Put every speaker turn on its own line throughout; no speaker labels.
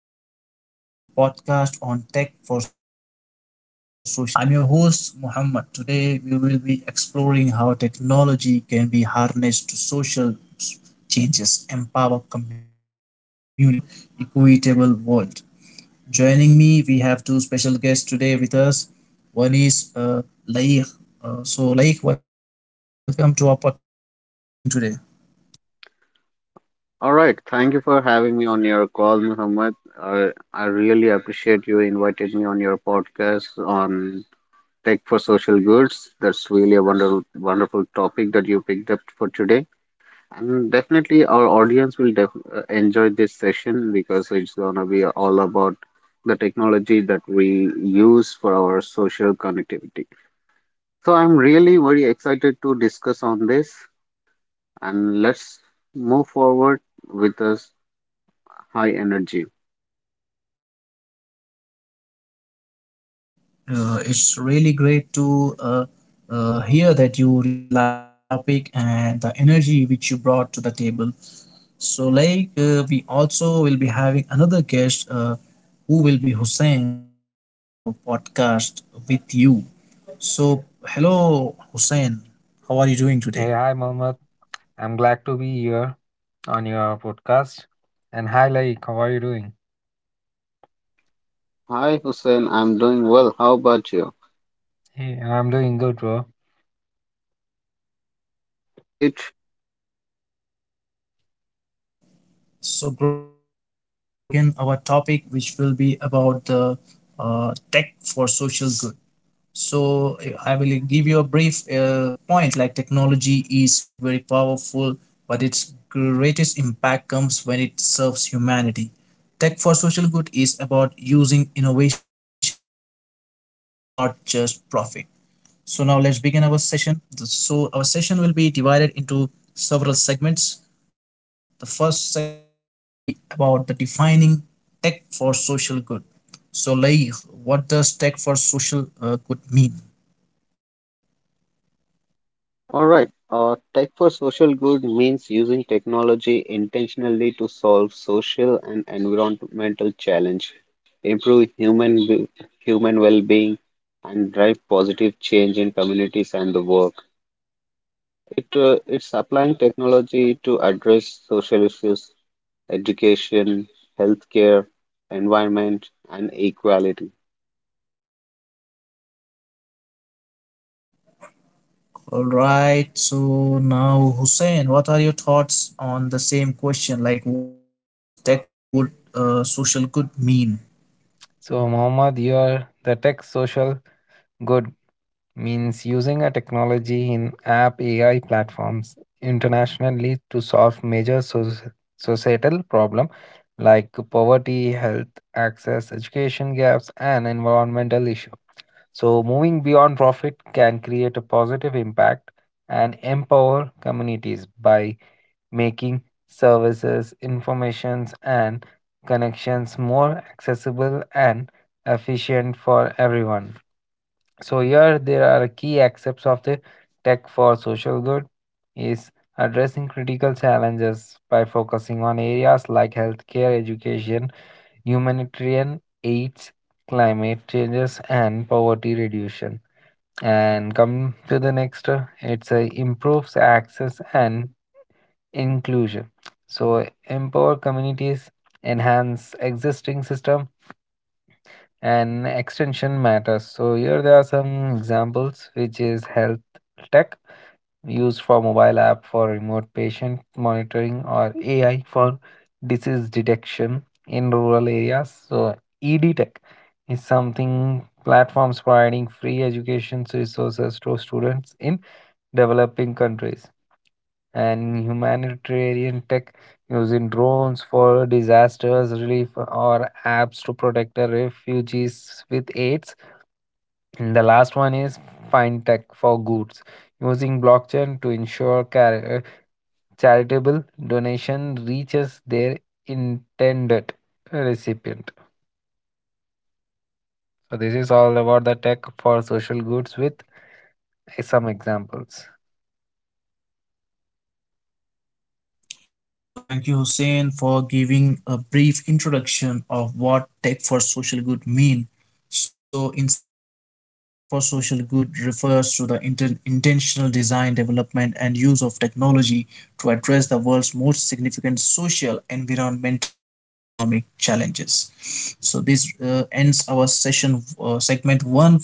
everyone, and welcome to our podcast on tech for social good. I'm your host, Muhammad. Today, we will be exploring how technology can be harnessed to social changes, empower communities, and create a more equitable world. Joining me, we have two special guests today with us. One is Laik. So, Laik, welcome to our podcast. How are you doing today?
All right. Thank you for having me on your call, Muhammad. I really appreciate you invited me on your podcast on tech for social goods. That's really a wonderful topic that you picked up for today. And definitely, our audience will enjoy this session because it's gonna be all about the technology that we use for our social connectivity. So I'm really very excited to discuss on this, and let's move forward with this high energy.
It's really great to hear that you really like the topic and the energy which you brought to the table. So, like, we also will be having another guest who will be Hussein, who will be joining our podcast with you. So, hello, Hussein. How are you doing today?
Hey, hi, Mohammed. I'm glad to be here on your podcast. And hi, Laik, how are you doing?
Hi Hussein, I'm doing well. How about you?
Hey, I'm doing good, bro.
Great.
So great. So let's now begin our topic, which will be about the tech for social good. So I will give you a brief point. Like technology is like very powerful, but its greatest impact comes when it serves humanity. Tech for social good is about using innovation to uplift people, not just profit. So now let's begin our session. So our session will be divided into several segments. The first segment will be about the defining tech for social good. So like, what does tech for social good mean?
All right. Tech for social good means using technology intentionally to solve social and environmental challenge, improve human well-being, and drive positive change in communities and the work. It's applying technology to address social issues, education, healthcare, environment, and equality.
All right. So now, Hussein, what are your thoughts on the same question? Like, what does tech for good, social good mean?
So, Mohammed, here the tech social good means using a technology in app AI platforms internationally to solve major societal problem like poverty, health, access, education gaps, and environmental issues. So, moving beyond profit can create a positive impact and empower communities by making services, informations, and connections more accessible and efficient for everyone. So, here there are key aspects of the tech for social good is addressing critical challenges by focusing on areas like healthcare, education, humanitarian aids, climate changes, and poverty reduction. And come to the next, it's improves access and inclusion. So empower communities, enhance existing system, and extension matters. So here there are some examples, which is health tech used for mobile app for remote patient monitoring or AI for disease detection in rural areas. So ED tech is something platforms providing free education resources to students in developing countries, and humanitarian tech using drones for disasters relief or apps to protect the refugees with aids. And the last one is fintech for goods, using blockchain to ensure charitable donation reaches their intended recipient. So this is all about the tech for social goods with some examples.
So, thank you, Hussein, for giving a brief introduction of what tech for social good mean. So, in simple words, tech for social good refers to the intentional design, development, and use of technology to address the world's most significant social, environmental, and economic challenges. So, this ends our session segment one,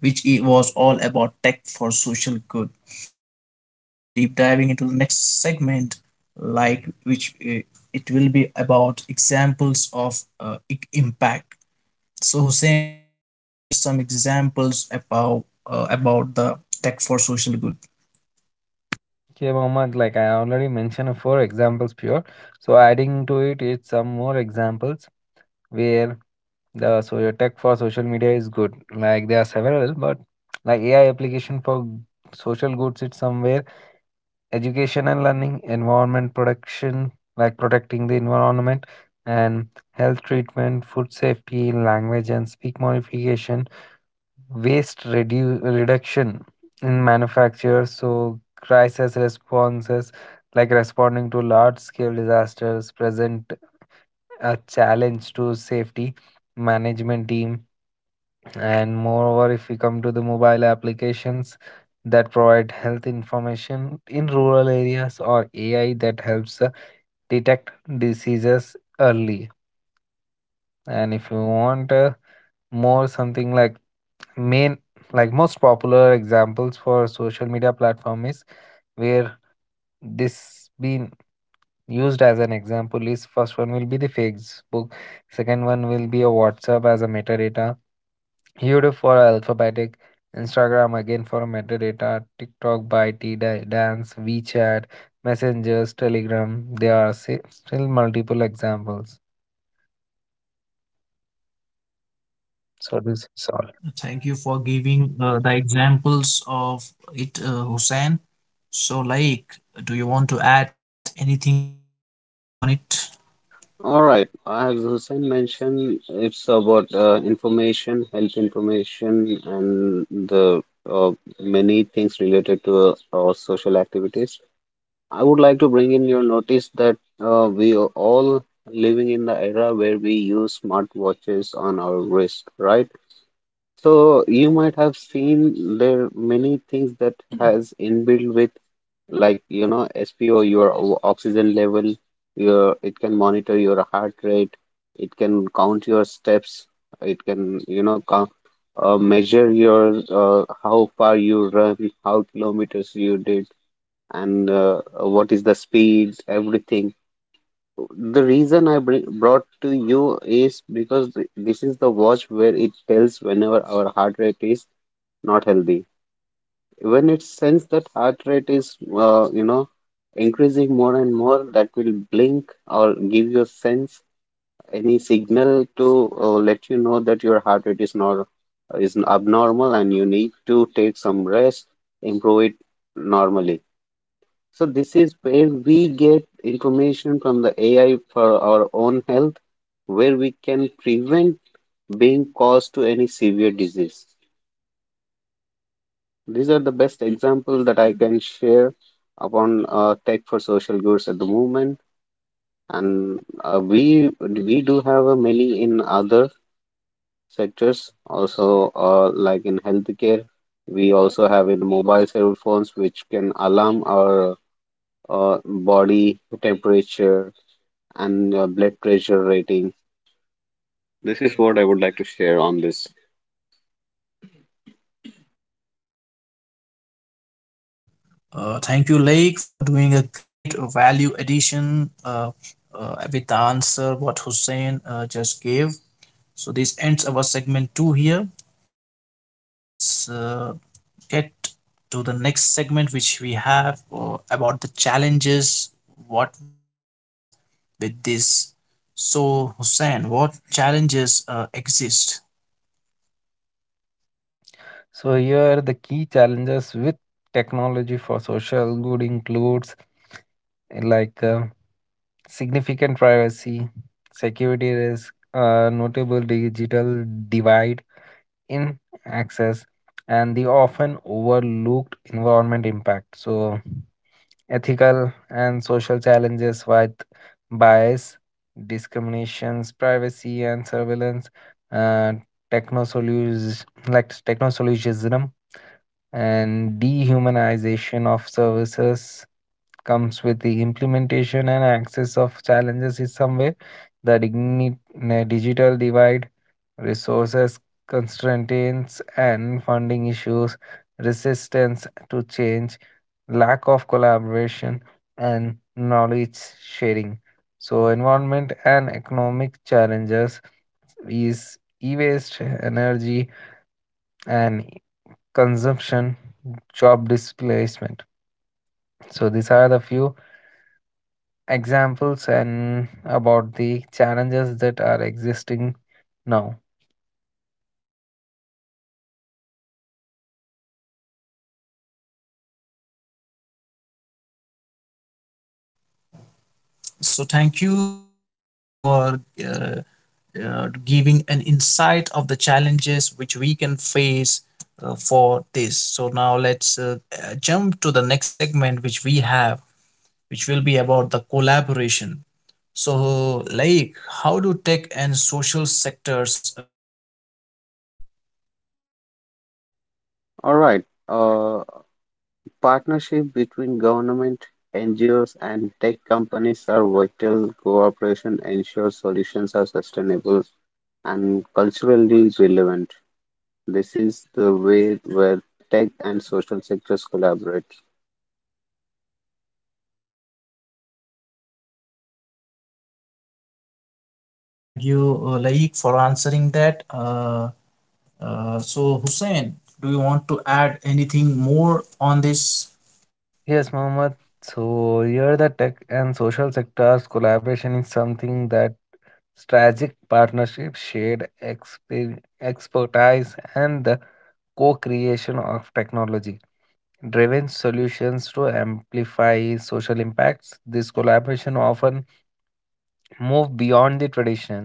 which it was all about tech for social good. Now, deep diving into the next segment, like which it will be about examples of impact. So, Hussein, can you share some examples about the tech for social good?
Okay, Mohammed, like I already mentioned, four examples pure. So adding to it, it's some more examples where the so tech for social media is good. Like there are several, but like AI application for social goods, it's somewhere education and learning, environment protection, like protecting the environment, and health treatment, food safety, language and speak modification, waste reduction in manufacture so crisis responses like responding to large scale disasters present a challenge to safety management team. And moreover, if we come to the mobile applications that provide health information in rural areas or ai that helps detect diseases early. And if you want more something like main, like most popular examples for social media platform is where this being used as an example is, first one will be the Facebook, second one will be a WhatsApp as a metadata, YouTube for alphabetic, Instagram again for metadata, TikTok by dance, WeChat messengers, Telegram. There are still multiple examples, so this is all.
Thank you for giving the examples of it, Hussein. So, like, do you want to add anything more about on it?
All right, as Hussein mentioned, it's about information, health information, and the uh, many things related to our social activities. I would like to bring in your notice that we are all living in the era where we use smartwatches on our wrist, right? So you might have seen there are many things that has inbuilt with like you know SPO your oxygen level, your it can monitor your heart rate, it can count your steps, it can you know measure your how far you run, how kilometers you did, and what is the speed everything. The reason I brought to you is because this is the watch where it tells whenever our heart rate is not healthy. When it sense that heart rate is uh, you know increasing more and more, that will blink or give you a sense, any signal to let you know that your heart rate is not is abnormal and you need to take some rest, improve it normally. So this is where we get information from the AI for our own health, where we can prevent being caused to any severe disease. These are the best examples that I can share upon tech for social goods at the moment, and uh, we do have a many in other sectors also, like in healthcare. We also have in mobile cell phones, which can alarm our body temperature and blood pressure rating. This is what I would like to share on this.
Thank you, Lake, for doing a great value addition with the answer what Hussein just gave. So this ends our segment two here. So now let's get to the next segment, which we have about the challenges what we can face with this. So Hussein, what challenges exist?
So here the key challenges with technology for social good includes uh, like uh, significant privacy, security risk, notable digital divide in access and the often overlooked environment impact. So, ethical and social challenges with bias, discriminations, privacy, and surveillance, uh, techno solutions like techno solutionism and dehumanization of services comes with the implementation and access of challenges in some way. The digital divide resources constraints and funding issues, resistance to change, lack of collaboration, and knowledge sharing. So, environment and economic challenges is e waste, energy, and consumption, job displacement. So, these are the few examples and about the challenges that are existing now.
So thank you, Hussein, for uh, giving an insight of the challenges which we can face for this. So now let's jump to the next segment which we have, which will be about the collaboration. So, Laik, how do tech and social sectors collaborate?
All right. Uh, partnerships between government, NGOs and tech companies are vital. Cooperation ensures solutions are sustainable and culturally relevant. This is the way where tech and social sectors collaborate.
Oh, thank you, Laik, for answering that. So, Hussein, do you want to add anything more on this?
Yes, Mohammed. So here the tech and social sectors collaboration is something that strategic partnership, shared expertise, and the co-creation of technology-driven solutions to amplify social impacts. This collaboration often move beyond the tradition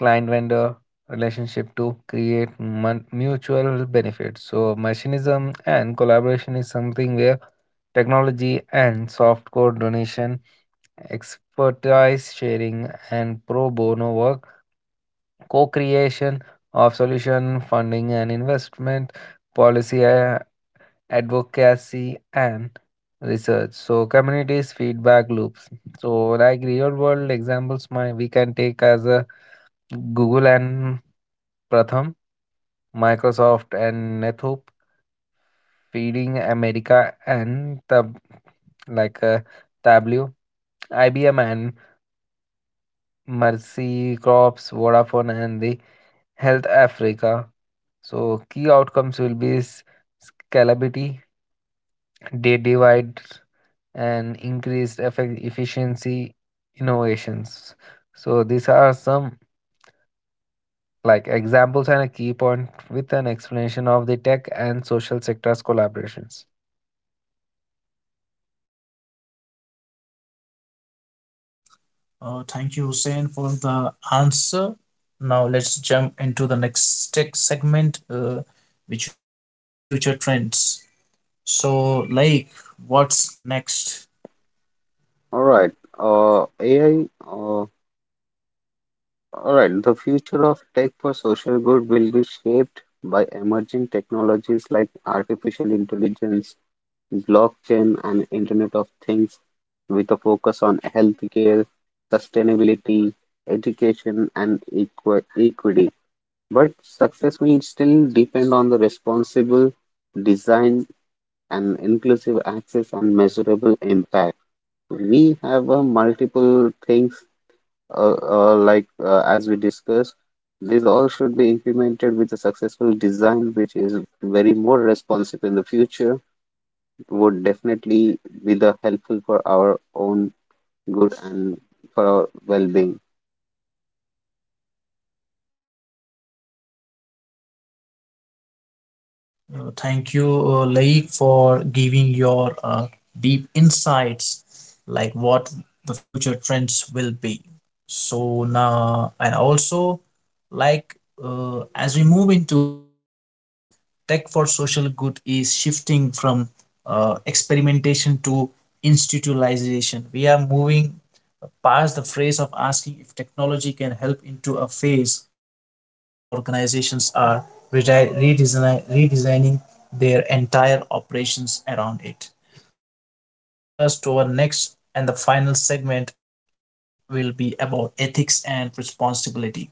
client vendor relationship to create mutual benefits. So, machinism and collaboration is something where technology and soft code donation, expertise sharing, and pro bono work, co creation of solution funding and investment, policy advocacy, and research. So, communities, feedback loops. So, like real world examples, my, we can take as a Google and Pratham, Microsoft and Nethoop, feeding America and the like Tableau, IBM and Mercy Crops, Vodafone and the Health Africa. So key outcomes will be scalability, data divide, and increased efficiency innovations. So these are some like examples and a key point with an explanation of the tech and social sectors collaborations.
Thank you, Hussein, for the answer. Now let's jump into the next tech segment, which will be about the future trends. So, like, what's next?
All right. Uh, AI. Uh, All right. The future of tech for social good will be shaped by emerging technologies like artificial intelligence, blockchain, and Internet of Things with a focus on healthcare, sustainability, education, and equity. But success will still depend on the responsible design and inclusive access and measurable impact. We have multiple things, like as we discussed. These all should be implemented with a successful design, which is very more responsive in the future, would definitely be the helpful for our own good and for our well-being.
Thank you, Laik, for giving your deep insights, like what the future trends will be. So now, and also, like, as we move into 2026, tech for social good is shifting from experimentation to institutionalization. We are moving past the phrase of asking if technology can help into a phase where social organizations are redesigning their entire operations around it. So, this brings us to our next and the final segment, which will be about ethics and responsibility.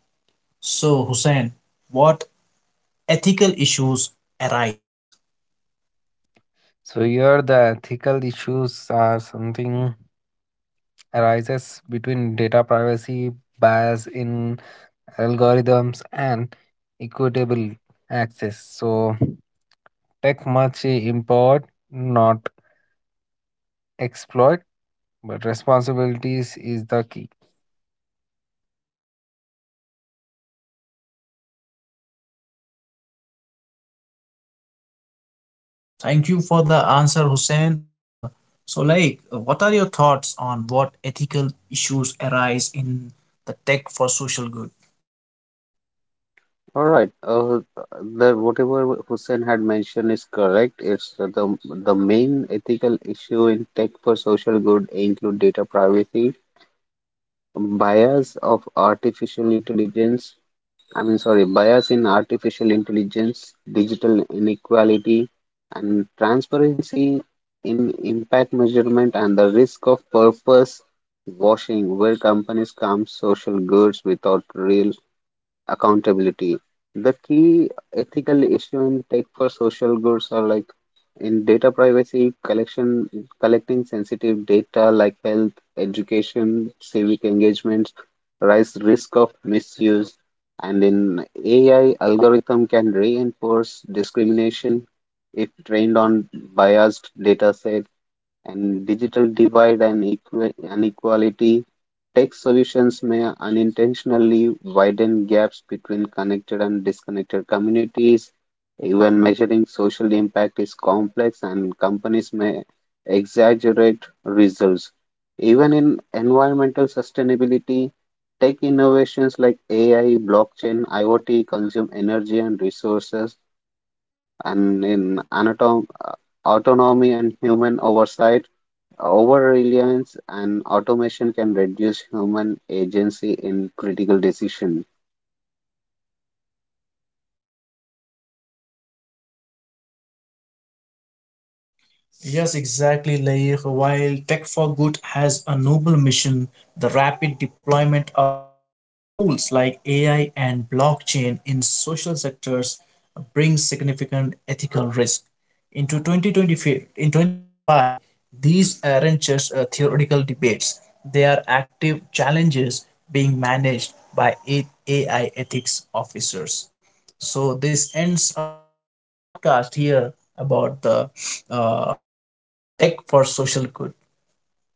So, Hussein, what ethical issues arise?
So here the ethical issues are something arises between data privacy, bias in algorithms and equitable access. So tech much import, not exploit, but responsibilities is the key.
Thank you for the answer, Hussein. So, like, what are your thoughts on what ethical issues arise in the tech for social good?
All right. The whatever Hussein had mentioned is correct. It's uh, the main ethical issue in tech for social good include data privacy, bias of artificial intelligence, I mean, sorry, bias in artificial intelligence, digital inequality, and transparency in impact measurement, and the risk of purpose washing, where companies come social goods without real accountability. The key ethical issue in tech for social goods are like in data privacy, collection, collecting sensitive data like health, education, civic engagements, rise risk of misuse, and in AI algorithm can reinforce discrimination if trained on biased datasets, and digital divide and inequality, tech solutions may unintentionally widen gaps between connected and disconnected communities. Even measuring social impact is complex, and companies may exaggerate results. Even in environmental sustainability, tech innovations like AI, blockchain, IoT consume energy and resources, and in autonomy and human oversight, over reliance and automation can reduce human agency in critical decision.
Yes, exactly, Laik. While Tech for Good has a noble mission, the rapid deployment of powerful tools like AI and blockchain in social sectors brings significant ethical risk. In 2025, these aren't just theoretical debates, they are active challenges being managed by AI ethics officers. So this ends our podcast here about the uh, tech for social good.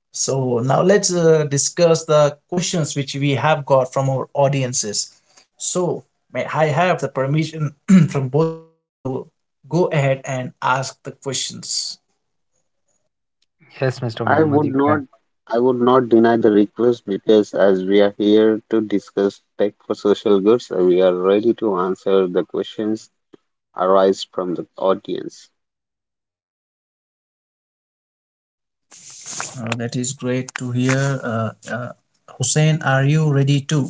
So now let's discuss the questions which we have got from our audiences. So may I have the permission from both of you to go ahead and ask the questions.
Yes, Mr.
I
Mohammed,
would
you can.
not I would not deny the request because as we are here to discuss tech for social goods, we are ready to answer the questions arise from the audience.
That is great to hear. Hussein, are you ready too?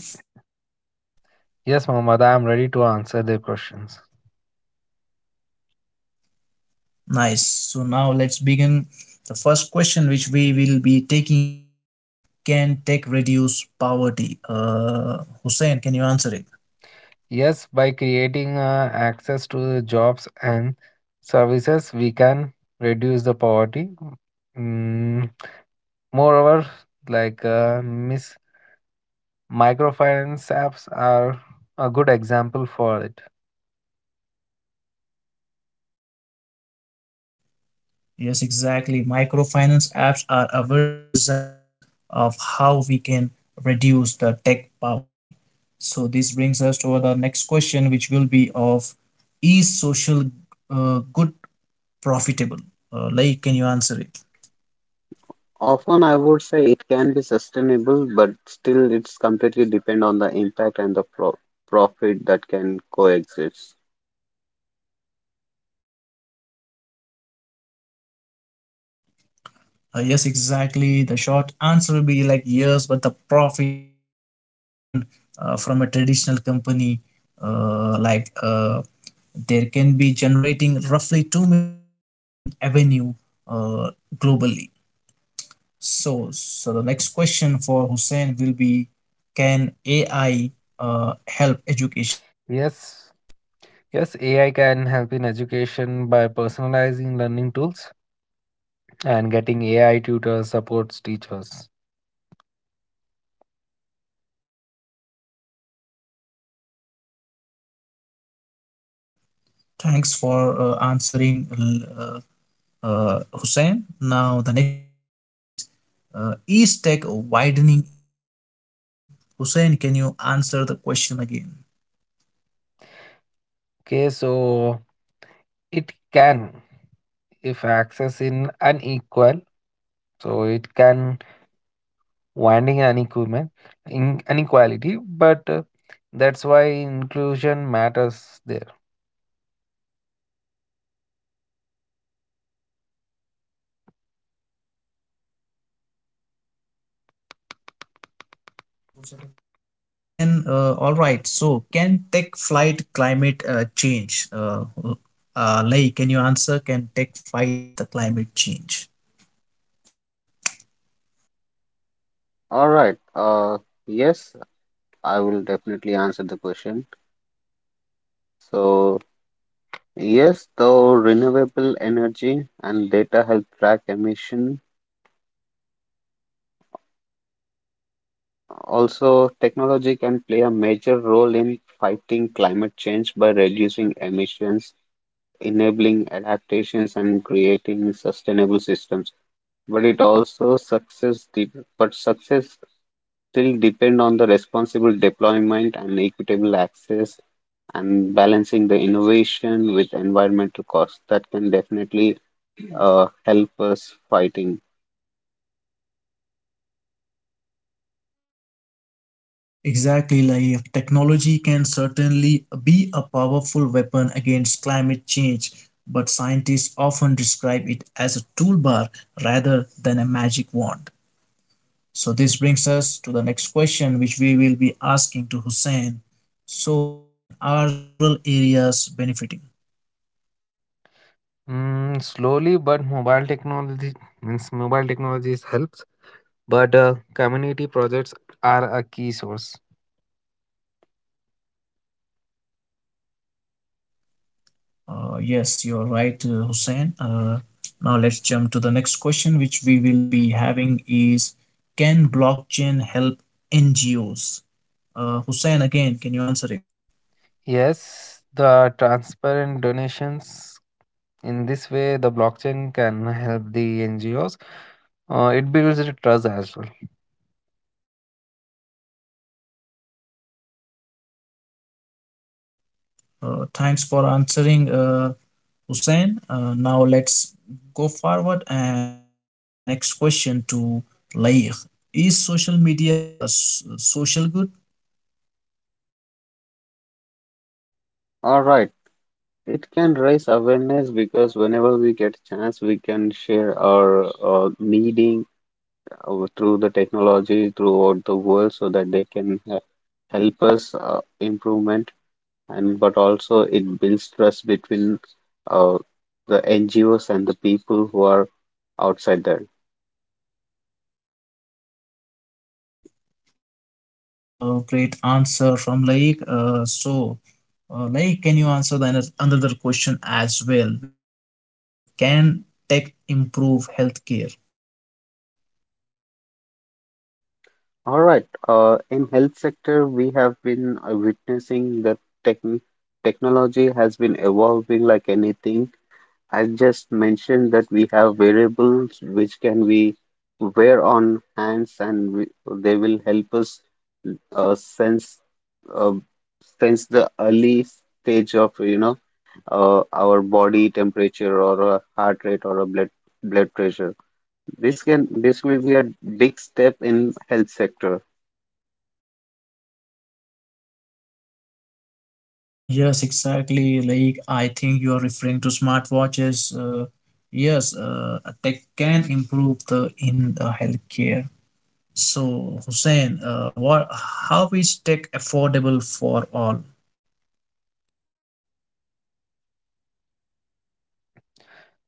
Yes, Mohammed, I am ready to answer the questions.
Nice. So now let's begin. The first question which we will be taking is, can tech reduce poverty? Hussein, can you answer it?
Yes, by creating access to the jobs and services, we can reduce the poverty. Mm, moreover, like microfinance apps are a good example for it.
Yes, exactly. Microfinance apps are a very good example of how we can reduce the tech poverty. So, this brings us to the next question, which will be of, is social good profitable? Like, can you answer it?
Often I would say it can be sustainable, but still it's completely depend on the impact and the profit that can coexist.
Yes, exactly. The short answer will be like yes, but the profit often looks different from a traditional company. Like, there can be generating roughly $2 million in revenue uh, globally. So, the next question for Hussein will be, can AI help education?
Yes, yes, AI can help in education by personalizing learning tools and getting AI tutors supports teachers.
Thanks for answering. Hussein. Now, the next question is, is tech widening inequality? Hussein, can you answer the question again?
Okay, so it can, if access in unequal, so it can winding an equipment in inequality, but that's why inclusion matters there.
All right, so can tech fight climate change? Lei, can you answer? Can tech fight the climate change?
All right. Yes, I will definitely answer the question. So, yes, though renewable energy and data help track emission, also technology can play a major role in fighting climate change by reducing emissions, enabling adaptations, and creating sustainable systems. But it also success de- but success still depend on the responsible deployment and equitable access and balancing the innovation with environmental costs. That can definitely help us fighting.
Exactly, Laif. Technology can certainly be a powerful weapon against climate change, but scientists often describe it as a toolbar rather than a magic wand. So, this brings us to the next question, which we will be asking to Hussein. So, Hussein, are rural areas benefiting?
Mm, slowly, but mobile technology means mobile technologies helps, but community projects are a key source.
Yes, you're right, Hussein. Now, let's jump to the next question, which we will be having is, can blockchain help NGOs? Hussein, again, can you answer it?
Yes, the transparent donations. In this way, the blockchain can help the NGOs. It builds the trust as well.
Thanks for answering, Hussein. Now let's go forward and ask next question to Laik. Is social media a social good?
All right, it can raise awareness because whenever we get chance, we can share our needing through the technology throughout the world so that they can help us improvement. And but also it builds trust between uh, the NGOs and the people who are outside there.
Yes, that was a great answer from Laik. So, Laik, can you answer the another question as well, which will be of, can tech improve healthcare?
All right, in health sector, we have been witnessing that tech technology has been evolving like anything. I just mentioned that we have variables which can we wear on hands and they will help us uh, sense uh, sense the early stage of you know our body temperature or a heart rate or a blood pressure. This will be a big step in health sector.
Yes, exactly. Like, I think you are referring to smartwatches. Yes, they can improve the in the healthcare. So, Hussein, what? How is tech affordable for all?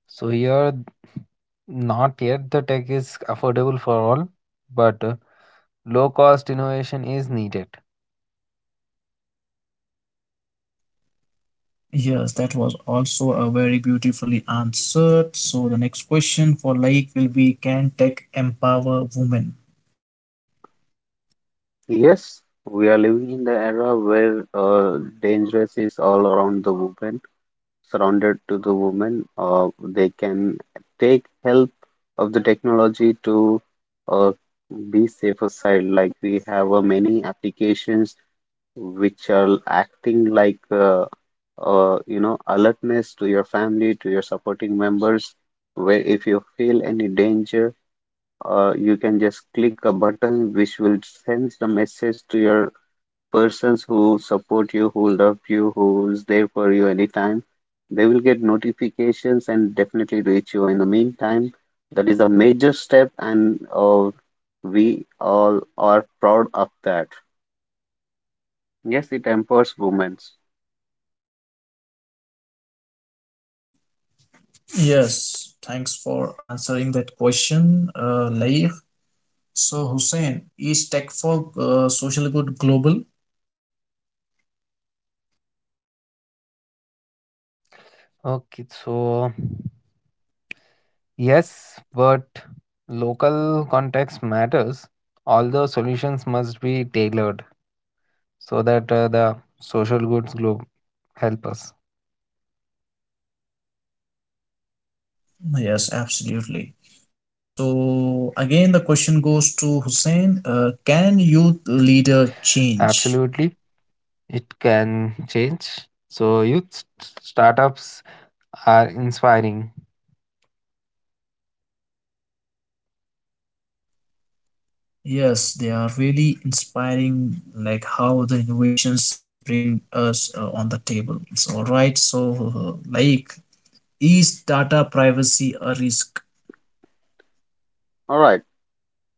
So here, not yet the tech is affordable for all, but low cost innovation is needed.
Yes, that was also a very beautifully answered. So, the next question for Laik will be: can tech empower women?
Yes, we are living in the era where dangerous is all around the world surrounded to the women. They can take help of the technology to uh, be safer side. Like we have many applications which are acting like you know alertness to your family, to your supporting members. Where if you feel any danger, you can just click a button which will send the message to your persons who support you, who love you, who's there for you anytime. They will get notifications and definitely reach you. In the meantime, that is a major step, and we all are proud of that. Yes, it empowers women.
Yes, thanks for answering that question, Laik. So, Hussein, is tech for social good global?
Okay, so yes, but local context matters. All the solutions must be tailored so that the social goods globe help us.
Yes, absolutely. So again, the question goes to Hussein. Can youth leader change?
Absolutely, it can change. So startups are inspiring.
Yes, they are really inspiring, like how the innovations they bring us on the table. So, right, so like, is data privacy a risk?
All right.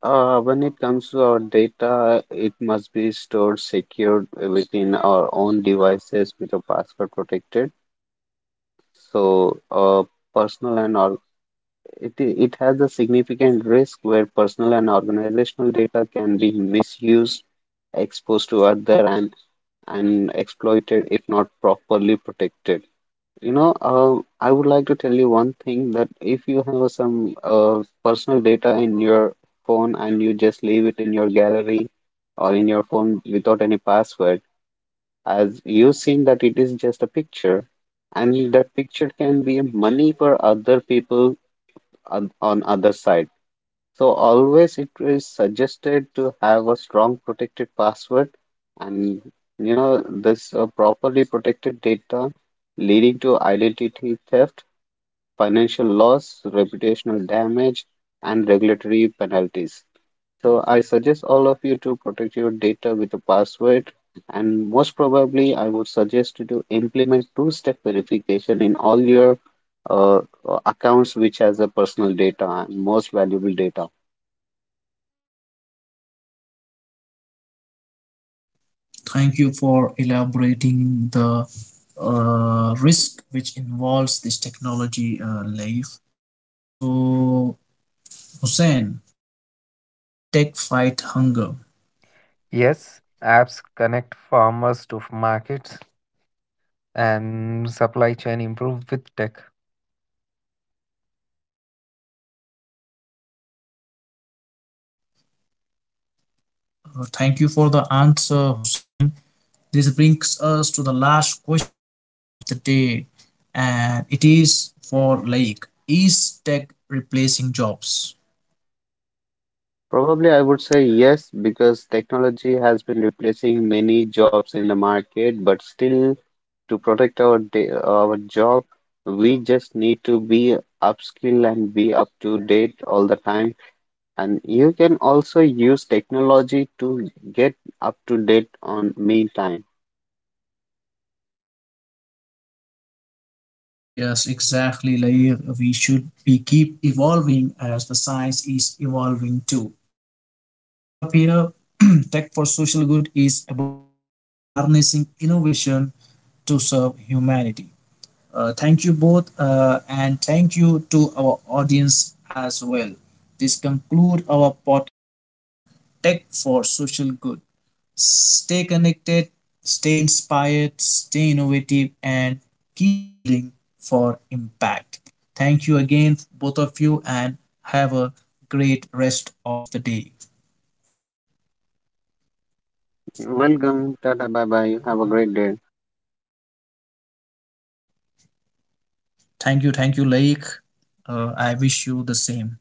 When it comes to our data, it must be stored secured within our own devices with a password protected. So, personal and all. It has a significant risk where personal and organizational data can be misused, exposed to other and exploited if not properly protected. You know, I would like to tell you one thing that if you have some personal data in your phone and you just leave it in your gallery or in your phone without any password, as you've seen that it is just a picture, and that picture can be money for other people on other side. So always it is suggested to have a strong protected password, and you know this properly protected data leading to identity theft, financial loss, reputational damage, and regulatory penalties. So I suggest all of you to protect your data with a password, and most probably I would suggest you to implement two-step verification in all your uh, accounts which has a personal data and most valuable data.
Thank you for elaborating the risk which involves this technology life. So, Hussein, can tech fight hunger?
Yes, apps connect farmers to markets and supply chain improve with tech.
Thank you for the answer, Hussein. This brings us to the last question of the day, and it is for Laik. Is tech replacing jobs?
Probably I would say yes, because technology has been replacing many jobs in the market, but still to protect our day, our job, we just need to be upskilled and be up to date all the time. And you can also use technology to get up to date on me time.
Yes, exactly, Laik. We should we keep evolving as the science is evolving too. So let's wrap up here. Tech for social good is about harnessing innovation to serve humanity. Thank you both, and thank you to our audience as well. This concludes our podcast on tech for social good. Stay connected, stay inspired, stay innovative, and keep building for impact. Thank you again, both of you, and have a great rest of the day.
Welcome, Tata, bye bye. Have a great day.
Thank you, Laik. I wish you the same.